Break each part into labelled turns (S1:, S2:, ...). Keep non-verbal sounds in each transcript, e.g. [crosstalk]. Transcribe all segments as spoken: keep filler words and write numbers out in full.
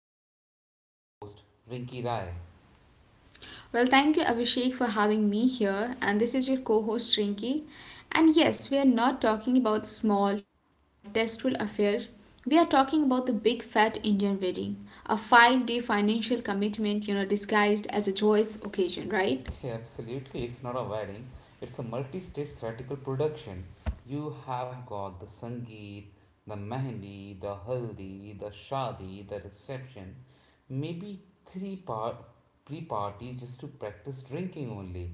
S1: today, a co host Rinki Rai.
S2: Well, thank you, Abhishek, for having me here. And this is your co host, Rinki. And yes, we are not talking about small, tasteful affairs. We are talking about the big fat Indian wedding, a five day financial commitment, you know, disguised as a joyous occasion, right?
S1: Yeah, absolutely. It's not a wedding, it's a multi stage theatrical production. You have got the Sangeet, the Mehndi, the Haldi, the Shadi, the reception, maybe three part pre parties just to practice drinking only.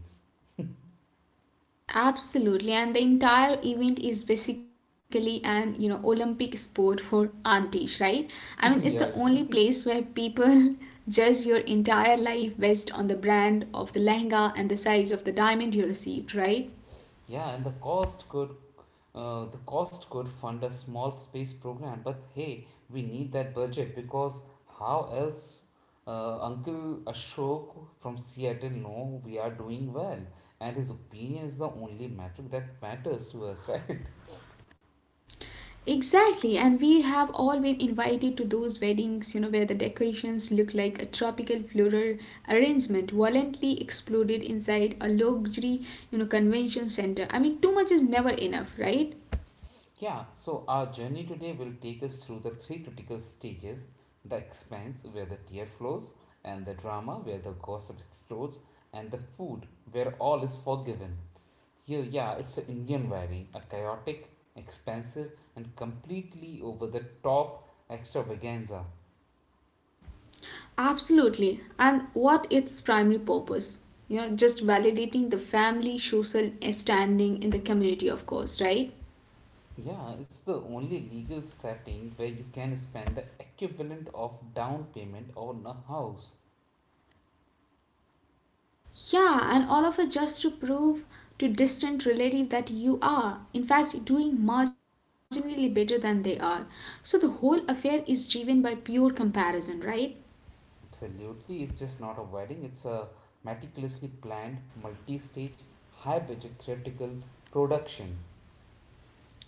S2: Absolutely, and the entire event is basically an you know Olympic sport for aunties, right? I mean, it's the
S1: [laughs]
S2: only
S1: Yeah.
S2: place where people [laughs] judge your entire life based on the brand of the lehenga and the size of the diamond you received, right?
S1: Yeah, and the cost could Uh, the cost could fund a small space program, but hey, we need that budget because how else uh, Uncle Ashok from Seattle know we are doing well, and his opinion is the only metric that matters to us, [laughs] right?
S2: Exactly, and we have all been invited to those weddings, you know, where the decorations look like a tropical floral arrangement violently exploded inside a luxury, you know, convention center. I mean, too much is never enough, right?
S1: Yeah. So our journey today will take us through the three critical stages: the expense, where the tear flows, and the drama, where the gossip explodes, and the food, where all is forgiven. Here, yeah, it's an Indian wedding, a chaotic, expensive, and completely over the top extravaganza.
S2: Absolutely. And what its primary purpose? You know, just validating the family social standing in the community, of course, right?
S1: Yeah, it's the only legal setting where you can spend the equivalent of down payment on a house.
S2: Yeah, and all of it just to prove to distant relative that you are, in fact, doing marginally better than they are. So the whole affair is driven by pure comparison, right?
S1: Absolutely, it's just not a wedding, it's a meticulously planned, multi stage, high budget theatrical production.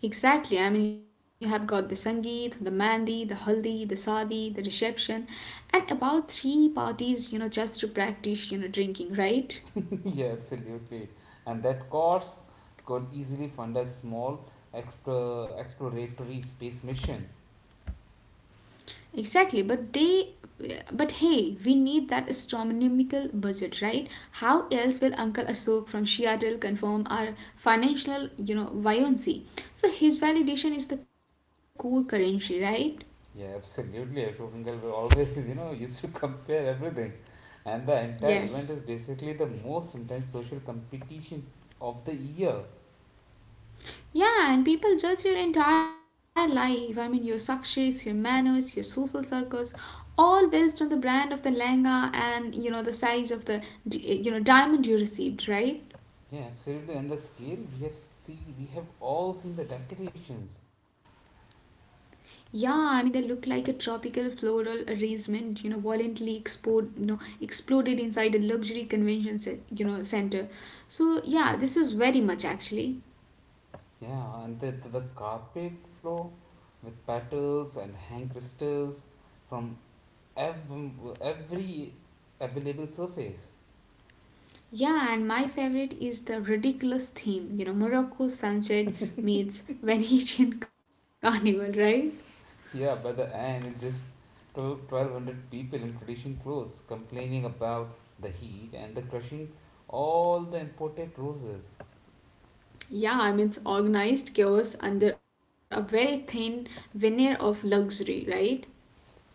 S2: Exactly. I mean, you have got the Sangeet, the Mandi, the Haldi, the Sadi, the reception, and about three parties, you know, just to practice, you know, drinking, right?
S1: [laughs] Yeah, absolutely. And that course could easily fund a small explor- exploratory space mission.
S2: Exactly, but they, but hey, we need that astronomical budget, right? How else will Uncle Ashok from Seattle confirm our financial, you know, buoyancy? So his validation is the core currency, right?
S1: Yeah, absolutely. Ashok Ungal will always, [laughs] you know, used to compare everything. And the entire
S2: Yes.
S1: event is basically the most intense social competition of the year.
S2: Yeah, and people judge your entire life. I mean, your success, your manners, your social circles, all based on the brand of the langa and you know the size of the di- you know diamond you received, right?
S1: Yeah, absolutely. And the scale we have see we have all seen the decorations.
S2: Yeah, I mean they look like a tropical floral arrangement, you know, violently explode, you know, exploded inside a luxury convention, ce- you know, center. So yeah, this is very much actually.
S1: Yeah, and the, the, the carpet floor with petals and hang crystals from ev- every available surface.
S2: Yeah, and my favorite is the ridiculous theme, you know, Morocco sunset meets Venetian [laughs] carnival, right?
S1: Yeah, by the end, it's just twelve twelve hundred people in traditional clothes complaining about the heat and the crushing all the imported roses.
S2: Yeah, I mean it's organized chaos under a very thin veneer of luxury, right?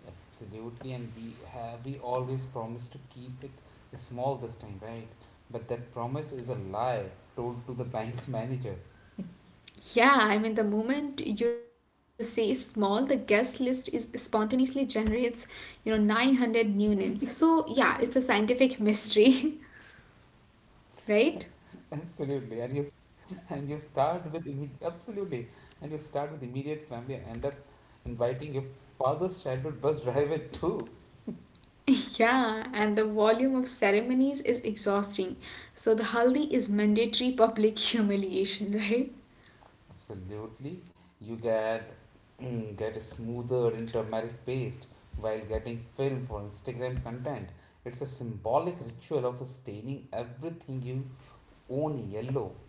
S1: Absolutely, and we have we always promise to keep it small this time, right? But that promise is a lie told to the bank [laughs] manager.
S2: Yeah, I mean the moment you say small, the guest list is spontaneously generates, you know, nine hundred new names. So, yeah, it's a scientific mystery,
S1: Absolutely, and you
S2: [laughs] right?
S1: and you start with immediate absolutely, and you start with immediate family and end up inviting your father's childhood bus [laughs] driver too.
S2: [laughs] Yeah, and the volume of ceremonies is exhausting. So the haldi is mandatory public [laughs] humiliation, right?
S1: Absolutely. You get [clears throat] get a smoother turmeric paste while getting filmed for Instagram content. It's a symbolic ritual of staining everything you own yellow. [laughs]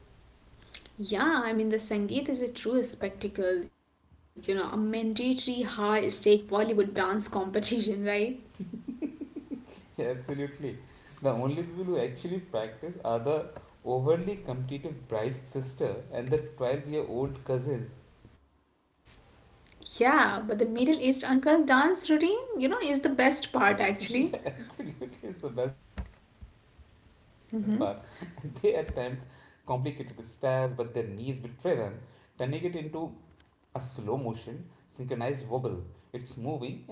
S2: Yeah, I mean the Sangeet is a true spectacle, you know, a mandatory high stake Bollywood dance competition, [laughs] right?
S1: Yeah, absolutely. The only people who actually practice are the overly competitive bride's sister and the twelve year old cousins.
S2: Yeah, but the Middle East uncle dance routine, you know, is the best part actually.
S1: [laughs] Yeah, absolutely is the best part. [laughs] They attempt complicated stairs, but their knees betray them, turning it into a slow motion synchronized wobble. It's moving in a sad way.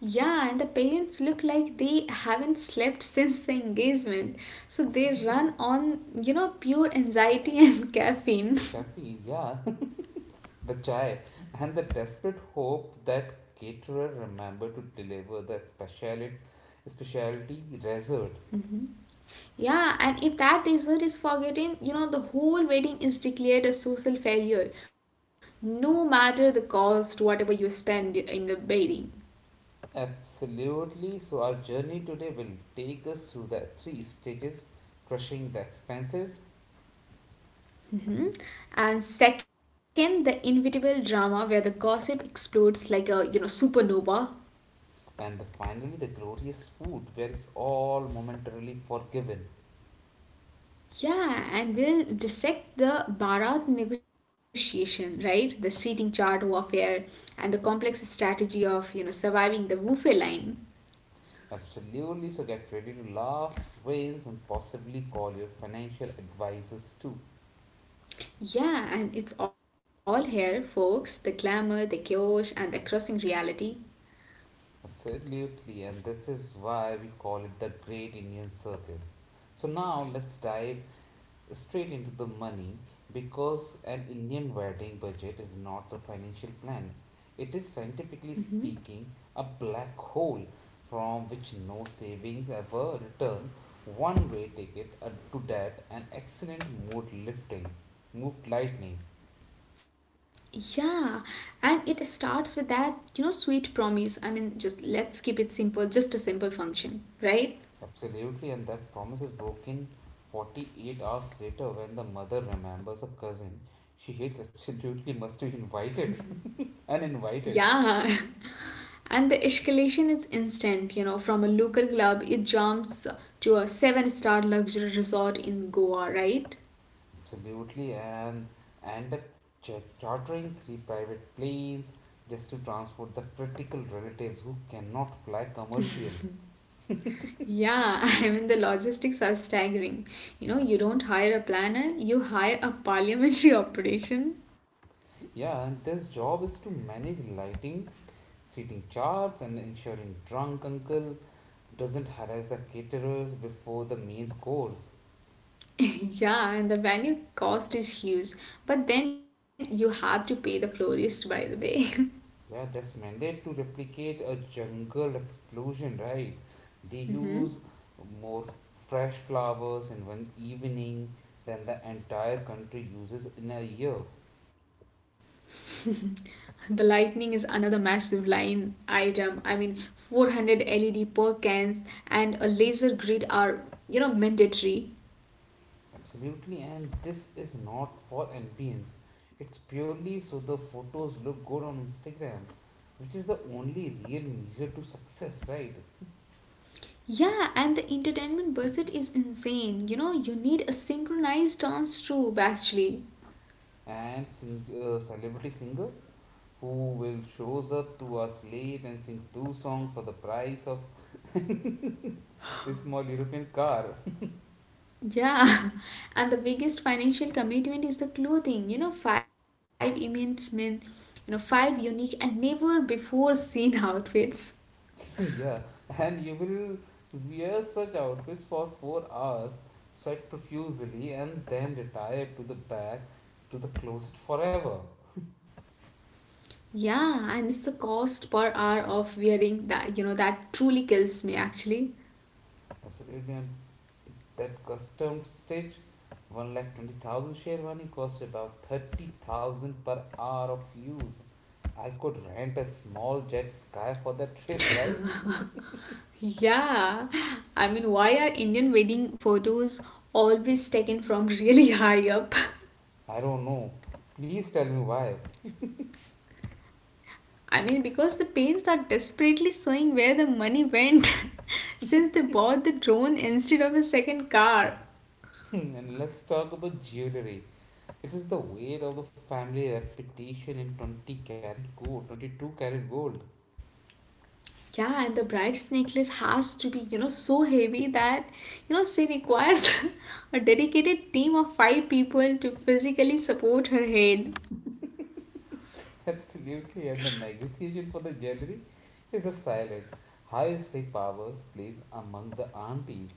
S2: Yeah, and the parents look like they haven't slept since the engagement. So they run on, you know, pure anxiety and [laughs] caffeine.
S1: Caffeine, yeah, [laughs] the chai, and the desperate hope that caterer remember to deliver the speciality, specialty dessert.
S2: Yeah, and if that dessert is forgotten, you know, the whole wedding is declared a social failure, no matter the cost, whatever you spend in the wedding.
S1: Absolutely. So our journey today will take us through the three stages, crushing the expenses,
S2: Mhm. And second, the inevitable drama where the gossip explodes like a you know supernova.
S1: and the, finally the glorious food where it's all momentarily forgiven.
S2: Yeah, and we'll dissect the Bharat negotiation, right? The seating chart warfare and the complex strategy of, you know, surviving the Wufe line.
S1: Absolutely. So get ready to laugh, wince, and possibly call your financial advisors too.
S2: Yeah, and it's all here, folks. The glamour, the chaos, and the crushing reality.
S1: Absolutely. And this is why we call it the Great Indian Circus. So now let's dive straight into the money because an Indian wedding budget is not a financial plan. It is scientifically
S2: hmm
S1: speaking a black hole from which no savings ever return, one way ticket uh, to debt, and excellent mood lifting moved lightning.
S2: Yeah, and it starts with that, you know, sweet promise. I mean, just let's keep it simple, just a simple function, right?
S1: Absolutely, and that promise is broken forty-eight hours later when the mother remembers a cousin she hates [laughs] absolutely must be invited and invited.
S2: Yeah. [laughs] And the escalation is instant, you know, from a local club, it jumps to a seven star luxury resort in Goa, right?
S1: Absolutely, and end up ch- chartering three private planes just to transport the critical relatives who cannot fly commercial.
S2: Yeah, [laughs] I mean, the logistics are staggering. You know, you don't hire a planner, you hire a parliamentary [laughs] operation.
S1: Yeah, and this job is to manage lighting, seating charts, and ensuring drunk uncle doesn't harass the caterers before the main course.
S2: [laughs] Yeah, and the venue cost is huge, but then you have to pay the florist, by the way.
S1: Yeah, that's mandate to replicate a jungle explosion, right? They
S2: [laughs]
S1: use
S2: Mhm.
S1: more fresh flowers in one evening than the entire country uses in a year.
S2: The lightning is another massive line item. I mean, four hundred L E D per cans and a laser grid are, you know, mandatory.
S1: Absolutely, and this is not for ambience. It's purely so the photos look good on Instagram, which is the only real measure to success, right?
S2: Yeah, and the entertainment budget is insane. You know, you need a synchronized dance troupe actually.
S1: And sing, uh, celebrity singer who will shows up to us late and sing two songs for the price of a small European car.
S2: Yeah, [laughs] and the biggest financial commitment is the clothing. You know, five immense men, you know, five unique and never before seen [laughs] outfits.
S1: [laughs] Yeah, and you will wear such outfits for four hours, sweat profusely, and then retire to the back to the closet forever.
S2: Yeah, and it's the cost per hour of wearing that, you know, that truly kills me actually.
S1: Absolutely, and that custom stitch, one lakh twenty thousand sherwani costs about thirty thousand per hour of use. I could rent a small jet sky for that [laughs] rate, right?
S2: Yeah, I mean, why are Indian wedding photos always taken from really [laughs] high up?
S1: I don't know. Please tell me why.
S2: I mean, because the parents are desperately showing where the money went [laughs] since they bought the drone instead of a second car.
S1: [laughs] And let's talk about jewelry. It is the weight of the family reputation in twenty carat gold, twenty-two carat gold.
S2: Yeah, and the bride's necklace has to be, you know, so heavy that, you know, she requires [laughs] a dedicated team of five people to physically support her head.
S1: [laughs] Absolutely. And the negotiation for the jewelry is a silent, high stake powers plays among the aunties.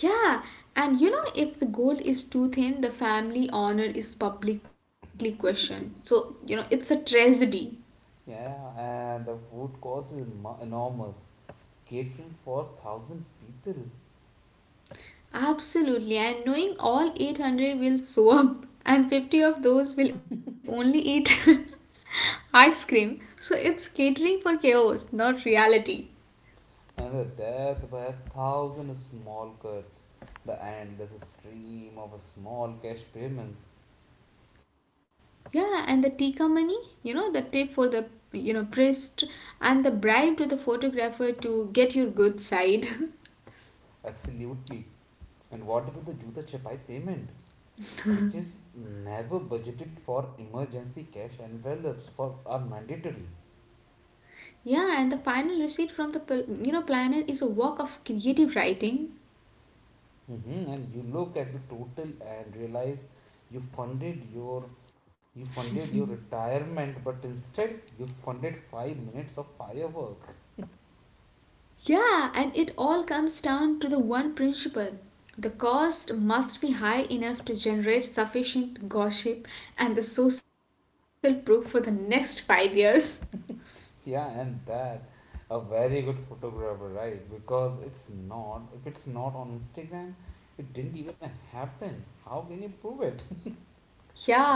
S2: Yeah, and you know, if the gold is too thin, the family honor is publicly questioned. So, you know, it's a tragedy.
S1: Yeah, and the food cost is mo- enormous, catering for one thousand people,
S2: Absolutely, and knowing all eight hundred will show up, and fifty of those will only eat [laughs] ice cream. So, it's catering for chaos, not reality.
S1: and the death by a thousand small cuts, the endless stream of small cash payments.
S2: Yeah, and the tikka money, you know, the tip for the you know priest and the bribe to the photographer to get your good side.
S1: Absolutely. And what about the Juta Chapai payment, which is never budgeted for? Emergency cash envelopes for are mandatory.
S2: [laughs] Yeah, and the final receipt from the pl- you know planner is a work of creative writing.
S1: Mhm. And you look at the total and realize you funded your you funded your retirement, but instead you funded five minutes of firework.
S2: Yeah, and it all comes down to the one principle. The cost must be high enough to generate sufficient gossip and the social proof for the next five years. [laughs]
S1: [laughs] Yeah, and that a very good photographer, right? Because it's not. If it's not on Instagram, it didn't even happen. How can you prove it?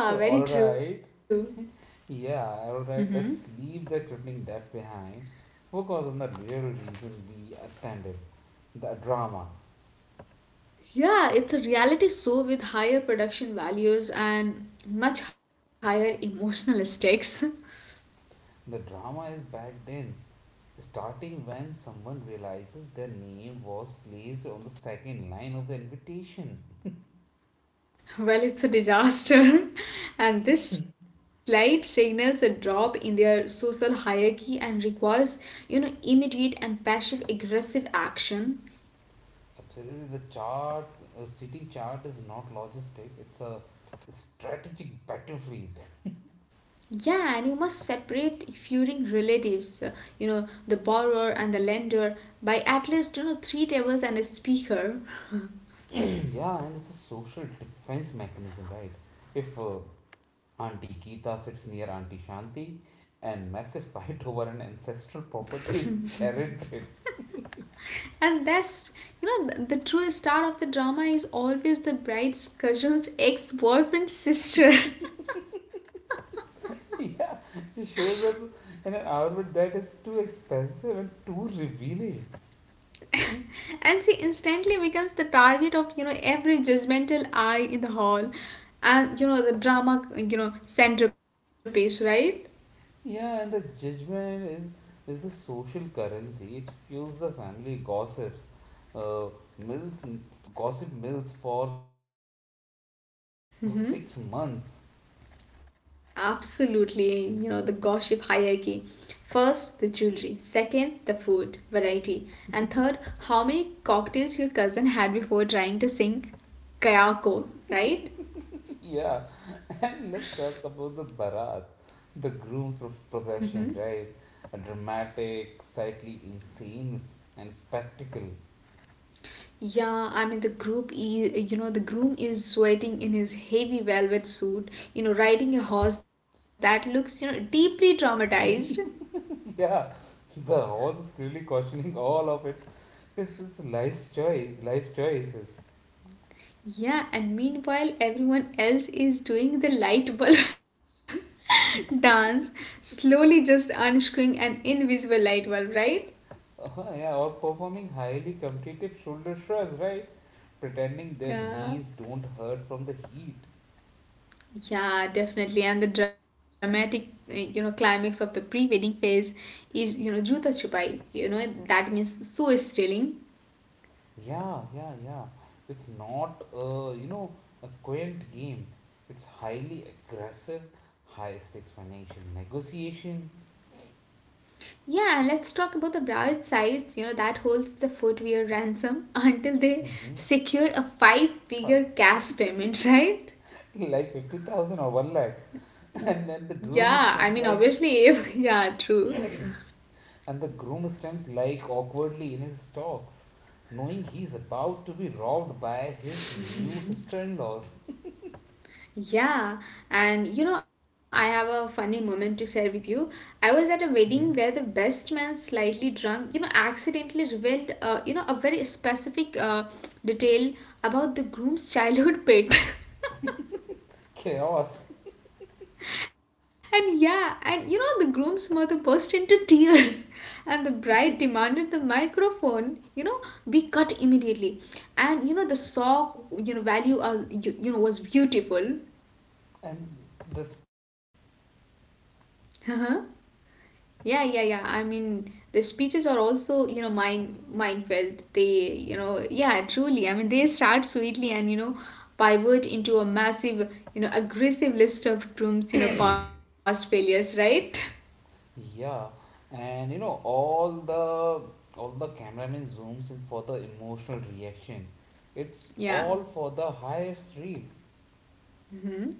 S1: [laughs] So,
S2: very
S1: all
S2: true.
S1: right. Yeah, alright, let's leave the crippling debt behind. Focus on the real reason we attended the drama.
S2: Yeah, it's a reality show with higher production values and much higher emotional stakes.
S1: The drama is back then, starting when someone realizes their name was placed on the second line of the invitation.
S2: [laughs] Well, it's a disaster, [laughs] and this slide signals a drop in their social hierarchy and requires, you know, immediate and passive aggressive action.
S1: Absolutely, the chart, uh, seating chart is not logistic, it's a strategic battlefield.
S2: Yeah, and you must separate feuding relatives, uh, you know, the borrower and the lender by at least, you know, three tables and a speaker.
S1: [clears throat] Yeah, and it's a social defense mechanism, right? If uh, Auntie Geeta sits near Auntie Shanti, and massive fight over an ancestral property is carried in. [laughs]
S2: And that's, you know, th- the true star of the drama is always the bride's cousin's ex boyfriend's sister.
S1: Yeah, she shows up in an outfit that is too expensive and too revealing.
S2: [laughs] And she instantly becomes the target of, you know, every judgmental eye in the hall. And, you know, the drama, you know, centerpiece, right?
S1: Yeah, and the judgment is is the social currency. It fuels the family gossips. Uh, mills Gossip mills for six months.
S2: Absolutely, you know, the gossip hierarchy. First, the jewelry. Second, the food variety. And third, how many cocktails your cousin had before trying to sing Kayako, right?
S1: Yeah, [laughs] and let's talk about the Barat, the groom's pro- procession, right? A dramatic, slightly insane, s- and spectacle.
S2: Yeah, I mean the group is you know the groom is sweating in his heavy velvet suit, you know, riding a horse that looks, you know, deeply traumatized.
S1: [laughs] Yeah, the horse is clearly questioning all of it. It's its life's choice, life choices.
S2: Yeah, and meanwhile everyone else is doing the light bulb [laughs] dance, slowly just unscrewing an invisible light bulb, right?
S1: Uh, yeah, or performing highly competitive shoulder shrugs, right? Pretending their
S2: Yeah.
S1: knees don't hurt from the heat.
S2: Yeah, definitely. And the dramatic, uh, you know, climax of the pre-wedding phase is, you know, Juta Chupai. You know, that means so stealing.
S1: Yeah, yeah, yeah. It's not, uh, you know, a quaint game. It's highly aggressive, high stakes financial negotiation.
S2: Yeah, and let's talk about the Broward sites, you know, that holds the footwear ransom [laughs] until they
S1: Mm-hmm.
S2: secure a five figure
S1: [laughs]
S2: cash payment, [laughs] right?
S1: Like fifty thousand or one lakh. [laughs] And then the
S2: Yeah, I mean,
S1: groom stands
S2: obviously,
S1: like,
S2: if, [laughs] yeah, true.
S1: and the groom stands like awkwardly in his stocks, knowing he's about to be robbed by his new sister-in-laws.
S2: Yeah, and you know, I have a funny moment to share with you. I was at a wedding where the
S1: Hmm.
S2: best man, slightly drunk, you know, accidentally revealed, uh, you know, a very specific uh, detail about the groom's childhood pet. [laughs]
S1: Chaos.
S2: And yeah, and you know, the groom's mother burst into tears, [laughs] and the bride demanded the microphone, you know, be cut immediately. And you know, the sock, you know, value, uh, you, you know, was beautiful.
S1: And this.
S2: Uh-huh. Yeah, yeah, yeah. I mean, the speeches are also, you know, mind mind-felt. They, you know, yeah, truly. I mean, they start sweetly and, you know, pivot into a massive, you know, aggressive list of Groom's, you know, past failures, right? [laughs]
S1: Yeah, and you know all the all the cameraman zooms in for the emotional reaction. It's
S2: Yeah.
S1: all for the highest reel.
S2: Mm-hmm.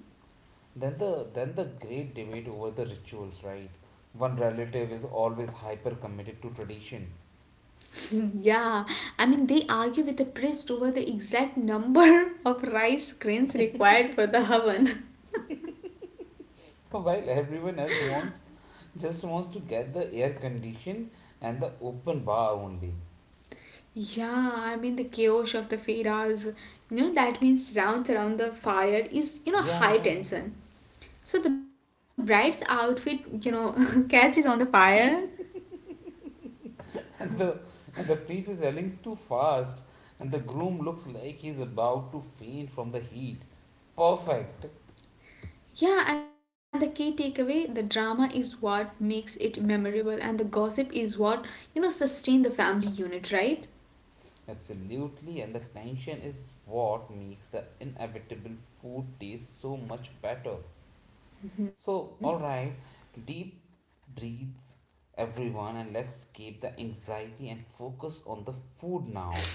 S1: Then the then the great debate over the rituals, right? One relative is always hyper committed to tradition,
S2: Yeah, I mean, they argue with the priest over the exact number [laughs] of rice grains required for the oven. [laughs]
S1: [laughs] while everyone else wants just wants to get the air condition and the open bar only.
S2: Yeah, I mean, the chaos of the feras, you know, that means rounds around the fire is, you know,
S1: Yeah,
S2: high
S1: yeah, yeah.
S2: tension. So the bride's outfit, you know, [laughs] catches on the fire.
S1: and the and the priest is yelling too fast and the groom looks like he's about to faint from the heat. Perfect.
S2: Yeah, and the key takeaway the drama is what makes it memorable, and the gossip is what, you know, sustain the family unit, right?
S1: Absolutely, and the tension is what makes the inevitable food taste so much better. So, all right, deep breaths, everyone, and let's escape the anxiety and focus on the food now.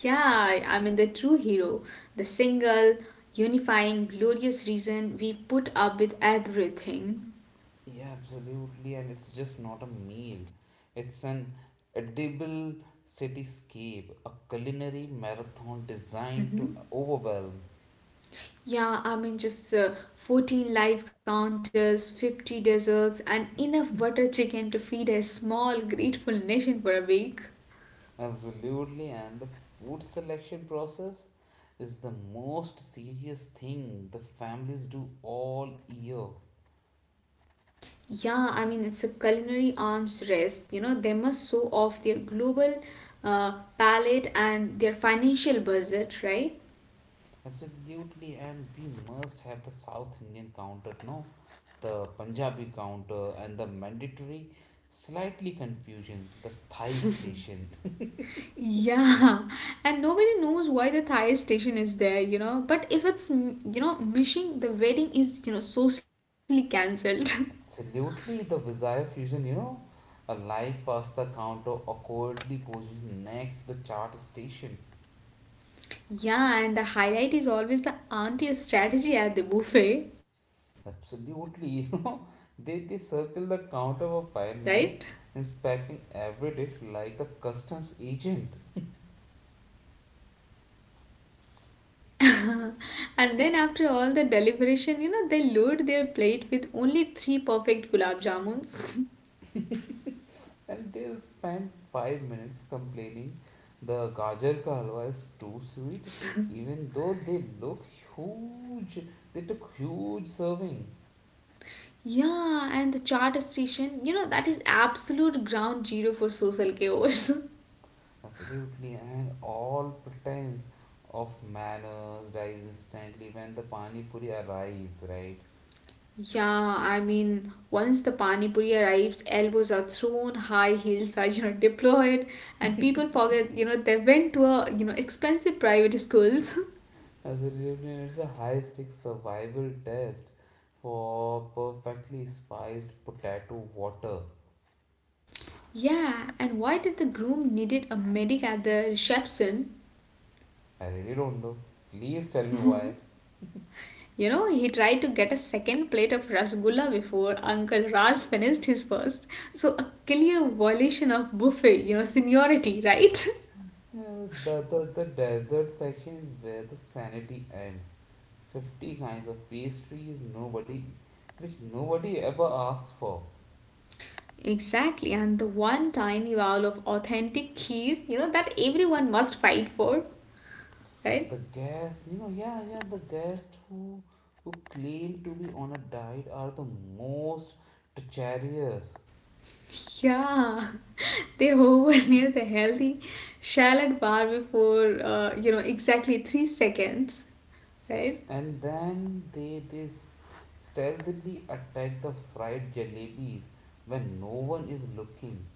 S2: Yeah, I I mean the true hero, the single, unifying, glorious reason we put up with everything.
S1: Yeah, absolutely. And it's just not a meal, it's an edible cityscape, a culinary marathon designed to
S2: Mhm.
S1: overwhelm.
S2: Yeah, I mean just uh, fourteen live counters, fifty desserts, and enough butter chicken to feed a small, grateful nation for a week.
S1: Absolutely. And the food selection process is the most serious thing the families do all year.
S2: Yeah, I mean it's a culinary arms race. You know they must show off their global uh, palate and their financial budget, right?
S1: Absolutely. And we must have the South Indian counter, no? The Punjabi counter and the mandatory slightly confusion, the Thai station.
S2: Yeah, [laughs] and nobody knows why the Thai station is there, you know. But if it's, m- you know, missing, the wedding is, you know, socially cancelled.
S1: Absolutely, the bizarre fusion, you know, a live past the counter awkwardly positioned next to the chart station.
S2: [laughs] Yeah, and the highlight is always the auntie strategy at the buffet,
S1: Absolutely, [laughs] you know, they, they circle the counter for five
S2: right?
S1: minutes, inspecting every dish like a customs agent.
S2: [laughs] And then after all the deliberation, you know, they load their plate with only three perfect gulab jamuns.
S1: And they'll spend five minutes complaining the gajar ka halwa is too sweet, even though they look huge. They took huge serving.
S2: [laughs] Yeah, and the charter station, you know, that is absolute ground zero for social chaos. [laughs]
S1: Absolutely, and all pretense of manners dies instantly when the pani puri arrives, right?
S2: Yeah, I mean, once the pani puri arrives, elbows are thrown, high heels are, you know, deployed, and people forget, you know, they went to a, you know, expensive private schools.
S1: Absolutely, and it's a high stakes survival test for perfectly spiced potato water.
S2: [laughs] yeah, and why did the groom needed a medic at the reception?
S1: I really don't know. Please tell me why.
S2: You know, he tried to get a second plate of rasgulla before Uncle Raz finished his first. So a clear violation of buffet, you know, seniority, right? [laughs]
S1: Yeah, the, the, the dessert section is where the sanity ends. fifty kinds of pastries nobody which nobody ever asked for.
S2: Exactly, and the one tiny bowl of authentic kheer, you know, that everyone must fight for, right?
S1: The guest, you know, Yeah, yeah, the guests who who claim to be on a diet are the most treacherous,
S2: Yeah, [laughs] they hover near the healthy shallot bar before, uh, you know, exactly three seconds, right?
S1: and then they they s- stealthily attack the fried jalebis when no one is looking.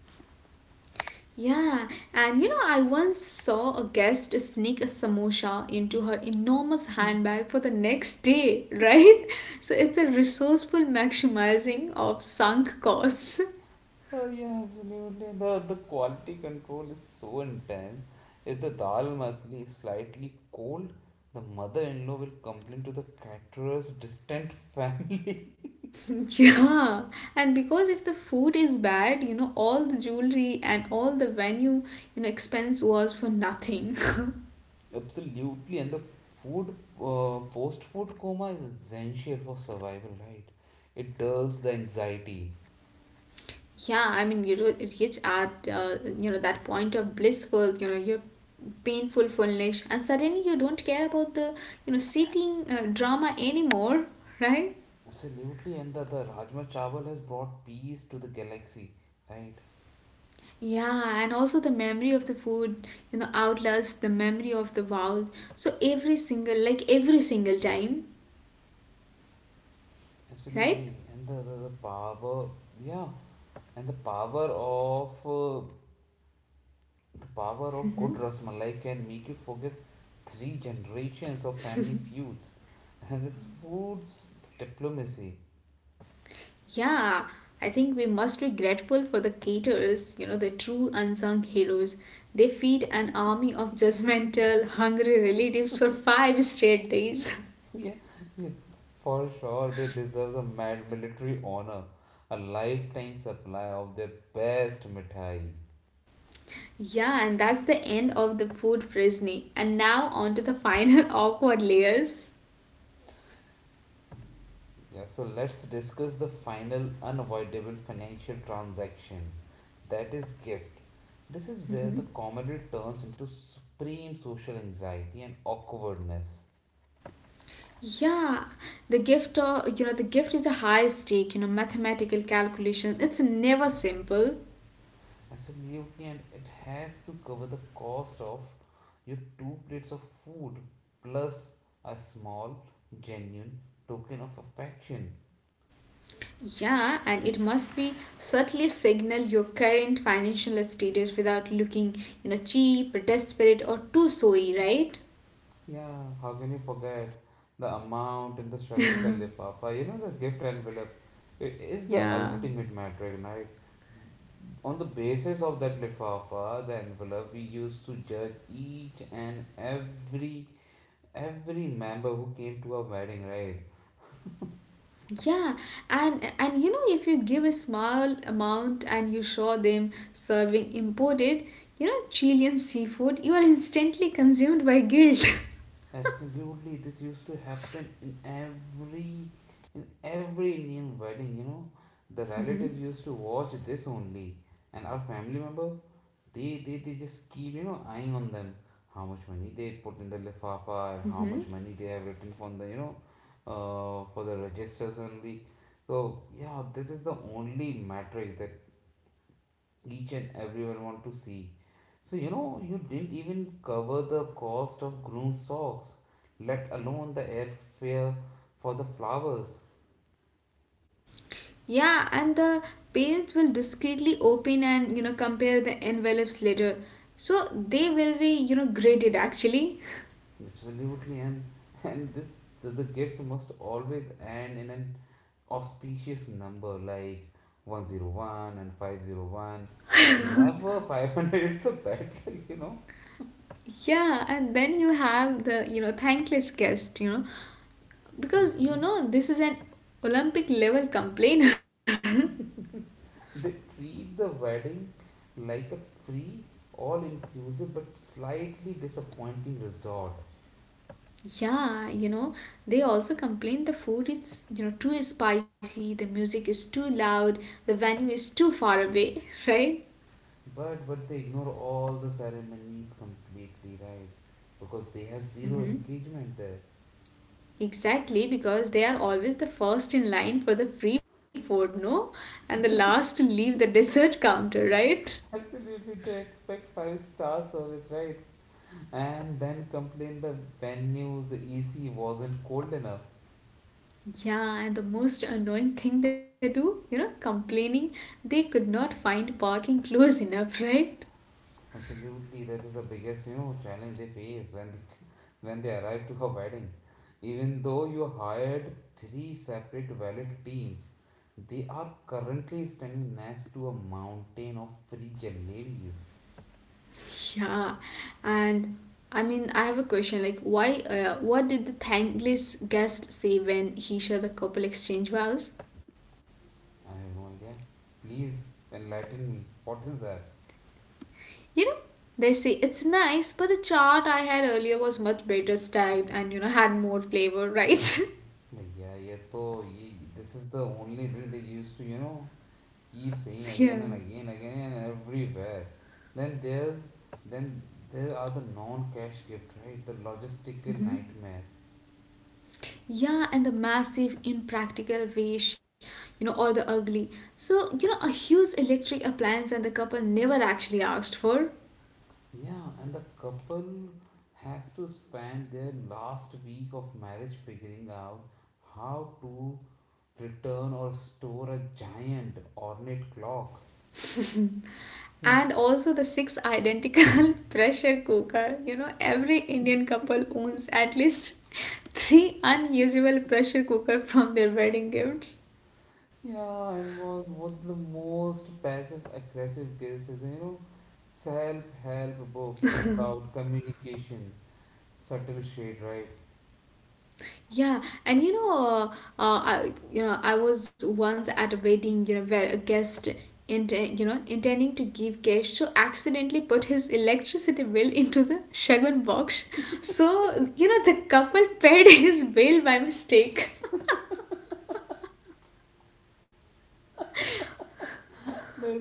S2: Yeah, and you know, I once saw a guest sneak a samosa into her enormous handbag for the next day, right? [laughs] So it's the resourceful maximizing of sunk costs.
S1: Oh yeah, absolutely. The the quality control is so intense. If the dal makhani is slightly cold, the mother-in-law will complain to the caterer's distant [laughs] family.
S2: [laughs] Yeah, and because if the food is bad, you know, all the jewelry and all the venue, you know, expense was for nothing. [laughs]
S1: Absolutely, and the food uh, post-food coma is essential for survival, right? It dulls the anxiety.
S2: Yeah, I mean, you know, it reach at, uh, you know, that point of blissful, you know, your painful fullness, and suddenly you don't care about the, you know, seating uh, drama anymore, right?
S1: Absolutely, and the, the Rajma Chawal has brought peace to the galaxy, right?
S2: Yeah, and also the memory of the food, you know, outlasts the memory of the vows. So every single, like every single time, right?
S1: Absolutely, and the, the, the power, yeah, and the power of uh, the power of good rasmalai can make you forgive three generations of family feuds, [laughs] and it's food's diplomacy.
S2: Yeah, I think we must be grateful for the caterers, you know, the true unsung heroes. They feed an army of judgmental, hungry relatives for five straight days.
S1: [laughs] Yeah, yeah, for sure. They deserve a mad military honor, a lifetime supply of their best mithai.
S2: [laughs] yeah, and that's the end of the food frisney. And now on to the final [laughs] awkward layers.
S1: Yeah, so let's discuss the final unavoidable financial transaction, that is, gift. This is where the comedy turns into supreme social anxiety and awkwardness.
S2: Yeah, the gift of you know the gift is a high stake, you know, mathematical calculation. It's never simple.
S1: Absolutely, and it has to cover the cost of your two plates of food plus a small, genuine token of affection.
S2: Yeah, and it must be subtly signal your current financial status without looking, you know, cheap, desperate, or too soy, right?
S1: Yeah, how can you forget the amount in the Shagun Ka Lifafa? You know, the gift envelope. It is the
S2: Yeah.
S1: ultimate metric, right? On the basis of that lifafa, the envelope, we used to judge each and every every member who came to our wedding, right?
S2: Yeah, and and you know if you give a small amount and you show them serving imported, you know, Chilean seafood, you are instantly consumed by guilt. [laughs]
S1: Absolutely, this used to happen in every in every Indian wedding. You know, the
S2: Hmm.
S1: relative used to watch this only, and our family member. They, they, they just keep, you know, eyeing on them. How much money they put in the lifafa and how
S2: Hmm.
S1: much money they have written from the, you know, uh, for the registers only. So, yeah, that is the only metric that each and everyone want to see. So, you know, you didn't even cover the cost of groom socks, let alone the airfare for the flowers.
S2: Yeah, and the parents will discreetly open and you know compare the envelopes later. So they will be you know graded actually.
S1: Absolutely, and and this the, the gift must always end in an auspicious number like one oh one and five hundred one, never five hundred. It's a bad [laughs] luck, you know.
S2: Yeah, and then you have the, you know, thankless guest, you know, because you
S1: Hmm,
S2: know this is an Olympic level complainer.
S1: they treat the wedding like a free, all inclusive but slightly disappointing resort.
S2: [laughs] yeah, you know, they also complain the food is, you know, too spicy, the music is too loud, the venue is too far away, [laughs] right?
S1: But but they ignore all the ceremonies completely, right? Because they have zero
S2: Mm-hmm.
S1: engagement there.
S2: Exactly, because they are always the first in line for the free food, no? And the last to leave the [laughs] dessert counter, right?
S1: [laughs] Absolutely, they expect five star service, right? And then complain the venue's A C wasn't cold enough.
S2: Yeah, and the most annoying thing they do, you know, complaining they could not find parking close enough, [laughs] right?
S1: Absolutely, that is the biggest, you know, challenge they face when they, when they arrive to a wedding. Even though you hired three separate valet teams, they are currently standing next to a mountain of free jalebis.
S2: Yeah, and I mean, I have a question like, why, uh, what did the thankless guest say when he saw the couple exchange vows?
S1: I have no idea. Please enlighten me. What is that?
S2: You know, they say it's nice, but the chart I had earlier was much better styled and you know had more flavor, right?
S1: But yeah, yeah, so yeah, this is the only thing they used to, you know, keep saying
S2: [laughs] yeah.
S1: again and again again and everywhere. Then there's then there are the non-cash gift, right? The logistical nightmare.
S2: Yeah, and the massive, impractical waste, you know, or the ugly. So, you know, a huge electric appliance and the couple never actually asked for.
S1: Yeah, and the couple has to spend their last week of marriage figuring out how to return or store a giant ornate clock. Hmm.
S2: And also the six identical [laughs] pressure cooker. You know, every Indian couple owns at least [laughs] three unusable pressure cooker from their wedding gifts.
S1: Yeah, and was one of the most passive aggressive cases, you know, self-help book about communication. Subtle shade, right?
S2: Yeah, and you know, uh, uh, I you know I was once at a wedding, you know, where a guest inten- you know intending to give cash, so accidentally put his electricity bill into the shagun box. So you know the couple paid [laughs] his bill by mistake. [laughs]
S1: There is a brilliant accidental gift.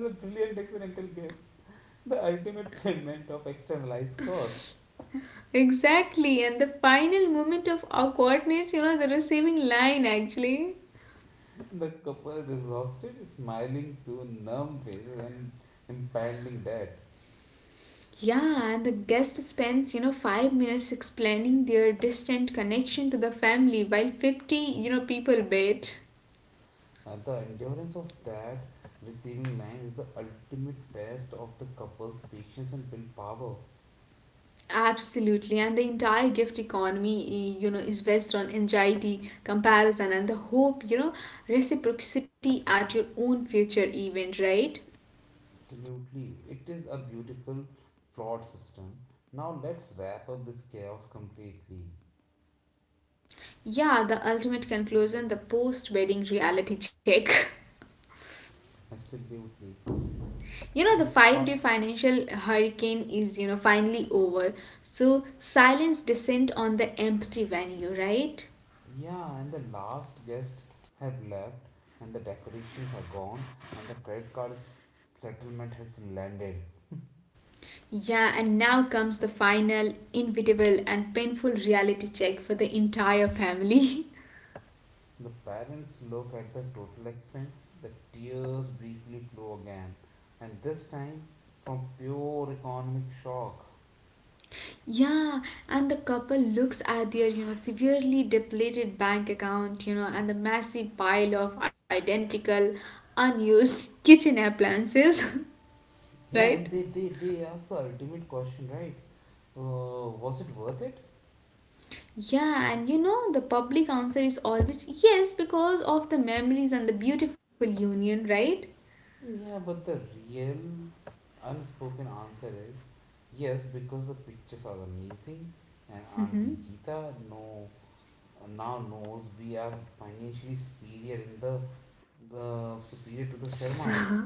S1: The ultimate payment of externalized costs.
S2: Exactly, and the final moment of awkwardness, you know, the receiving line actually.
S1: The couple is exhausted, smiling through numb faces and impending debt.
S2: Yeah, and the guest spends, you know, five minutes explaining their distant connection to the family while fifty, you know, people wait.
S1: And the endurance of that receiving line is the ultimate test of the couple's patience and willpower.
S2: Absolutely, and the entire gift economy, eh, you know, is based on anxiety, comparison, and the hope, you know, reciprocity at your own future event, right?
S1: Absolutely. It is a beautiful, flawed system. Now let's wrap up this chaos completely.
S2: Yeah, the ultimate conclusion the post wedding reality check. [laughs]
S1: Absolutely.
S2: You know,
S1: The,
S2: the five
S1: fi-
S2: day financial hurricane is, you know, finally over. So, silence descend on the empty venue, right?
S1: Yeah, and the last guest have left, and the decorations are gone, and the credit card s- settlement has landed.
S2: Yeah, and now comes the final, inevitable, and painful reality check for the entire family.
S1: The parents look at the total expense, the tears briefly flow again, and this time from pure economic shock.
S2: [laughs] yeah, and the couple looks at their, you know, severely depleted bank account, you know, and the massive pile of identical, unused [laughs] kitchen appliances, [laughs]
S1: Yeah,
S2: right?
S1: and they, they, they ask the ultimate question, right? Uh, was it worth it?
S2: Yeah, and you know, the public answer is always yes because of the memories and the beautiful union, right?
S1: Yeah, but the real unspoken answer is yes, because the pictures are amazing, and Auntie Geeta know, now knows we are financially superior in the uh, superior to the Sharmas.
S2: So,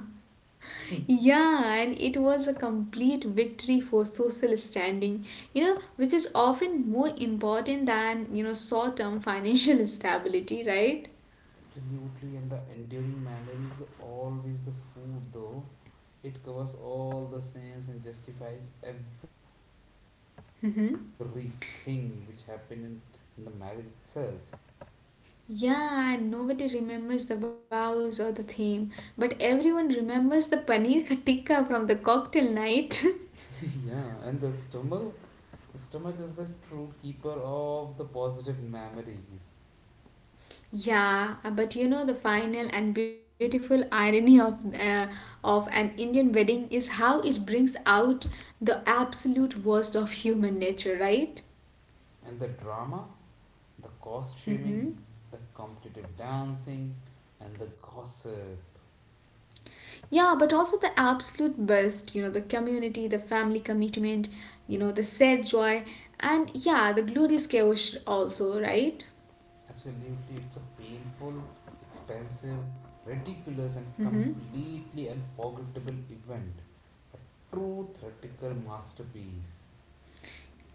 S2: [laughs] yeah, and it was a complete victory for social standing, you know, which is often more important than, you know, short term financial [laughs] stability, right?
S1: Absolutely, and the enduring memory is always the food, though it covers all the sins and justifies everything which
S2: Mm-hmm.
S1: happened in, in the marriage itself.
S2: Yeah, and nobody remembers the vows or the theme, but everyone remembers the paneer ka tikka from the cocktail night. [laughs]
S1: [laughs] Yeah, and the stomach, stomach is the true keeper of the positive memories.
S2: Yeah, uh, but you know the final and beautiful irony of uh, of an Indian wedding is how it brings out the absolute worst of human nature, right?
S1: And the drama, the cost shaming,
S2: Mm-hmm.
S1: the competitive dancing, and the gossip.
S2: Yeah, but also the absolute best, you know, the community, the family commitment, you know, the shared joy, and yeah, the glorious chaos also, right?
S1: Absolutely, it's a painful, expensive, ridiculous,
S2: Mm-hmm.
S1: and completely unforgettable event. A true theatrical masterpiece.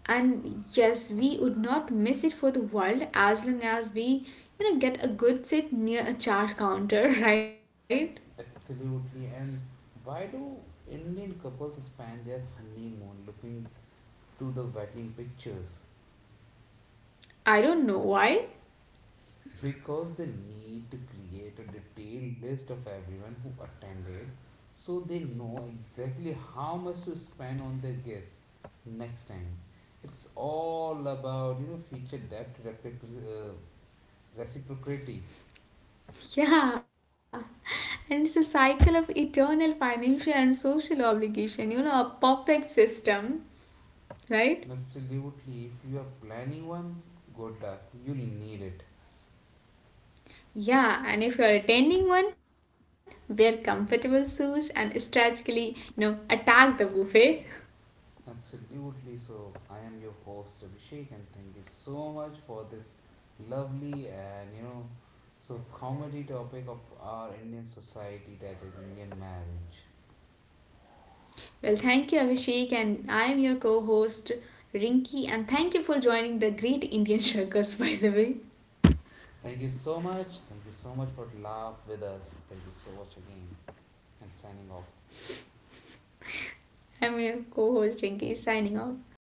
S2: And yes, we would not miss it for the world as long as we, you know, get a good seat near a chart counter, [laughs] right?
S1: Absolutely, and why do Indian couples spend their honeymoon looking to the wedding pictures?
S2: I don't know why.
S1: Because they need to create a detailed list of everyone who attended so they know exactly how much to spend on their gifts next time. It's all about, you know, feature depth replic- uh, reciprocity.
S2: Yeah, and it's a cycle of eternal financial and social obligation, you know, a perfect system, right?
S1: Absolutely, if you are planning one, good luck, you'll need it.
S2: Yeah, and if you're attending one, wear comfortable suits and strategically, you know, attack the buffet.
S1: Absolutely. So, I am your host Abhishek, and thank you so much for this lovely and, you know, so comedy topic of our Indian society that is Indian marriage.
S2: Well, thank you, Abhishek, and I'm your co host, Rinki, and thank you for joining the Great Indian [laughs] Circus, by the way.
S1: Thank you so much. Thank you so much for laugh with us. Thank you so much again, and signing off.
S2: I'm your co host, Rinki. Signing off.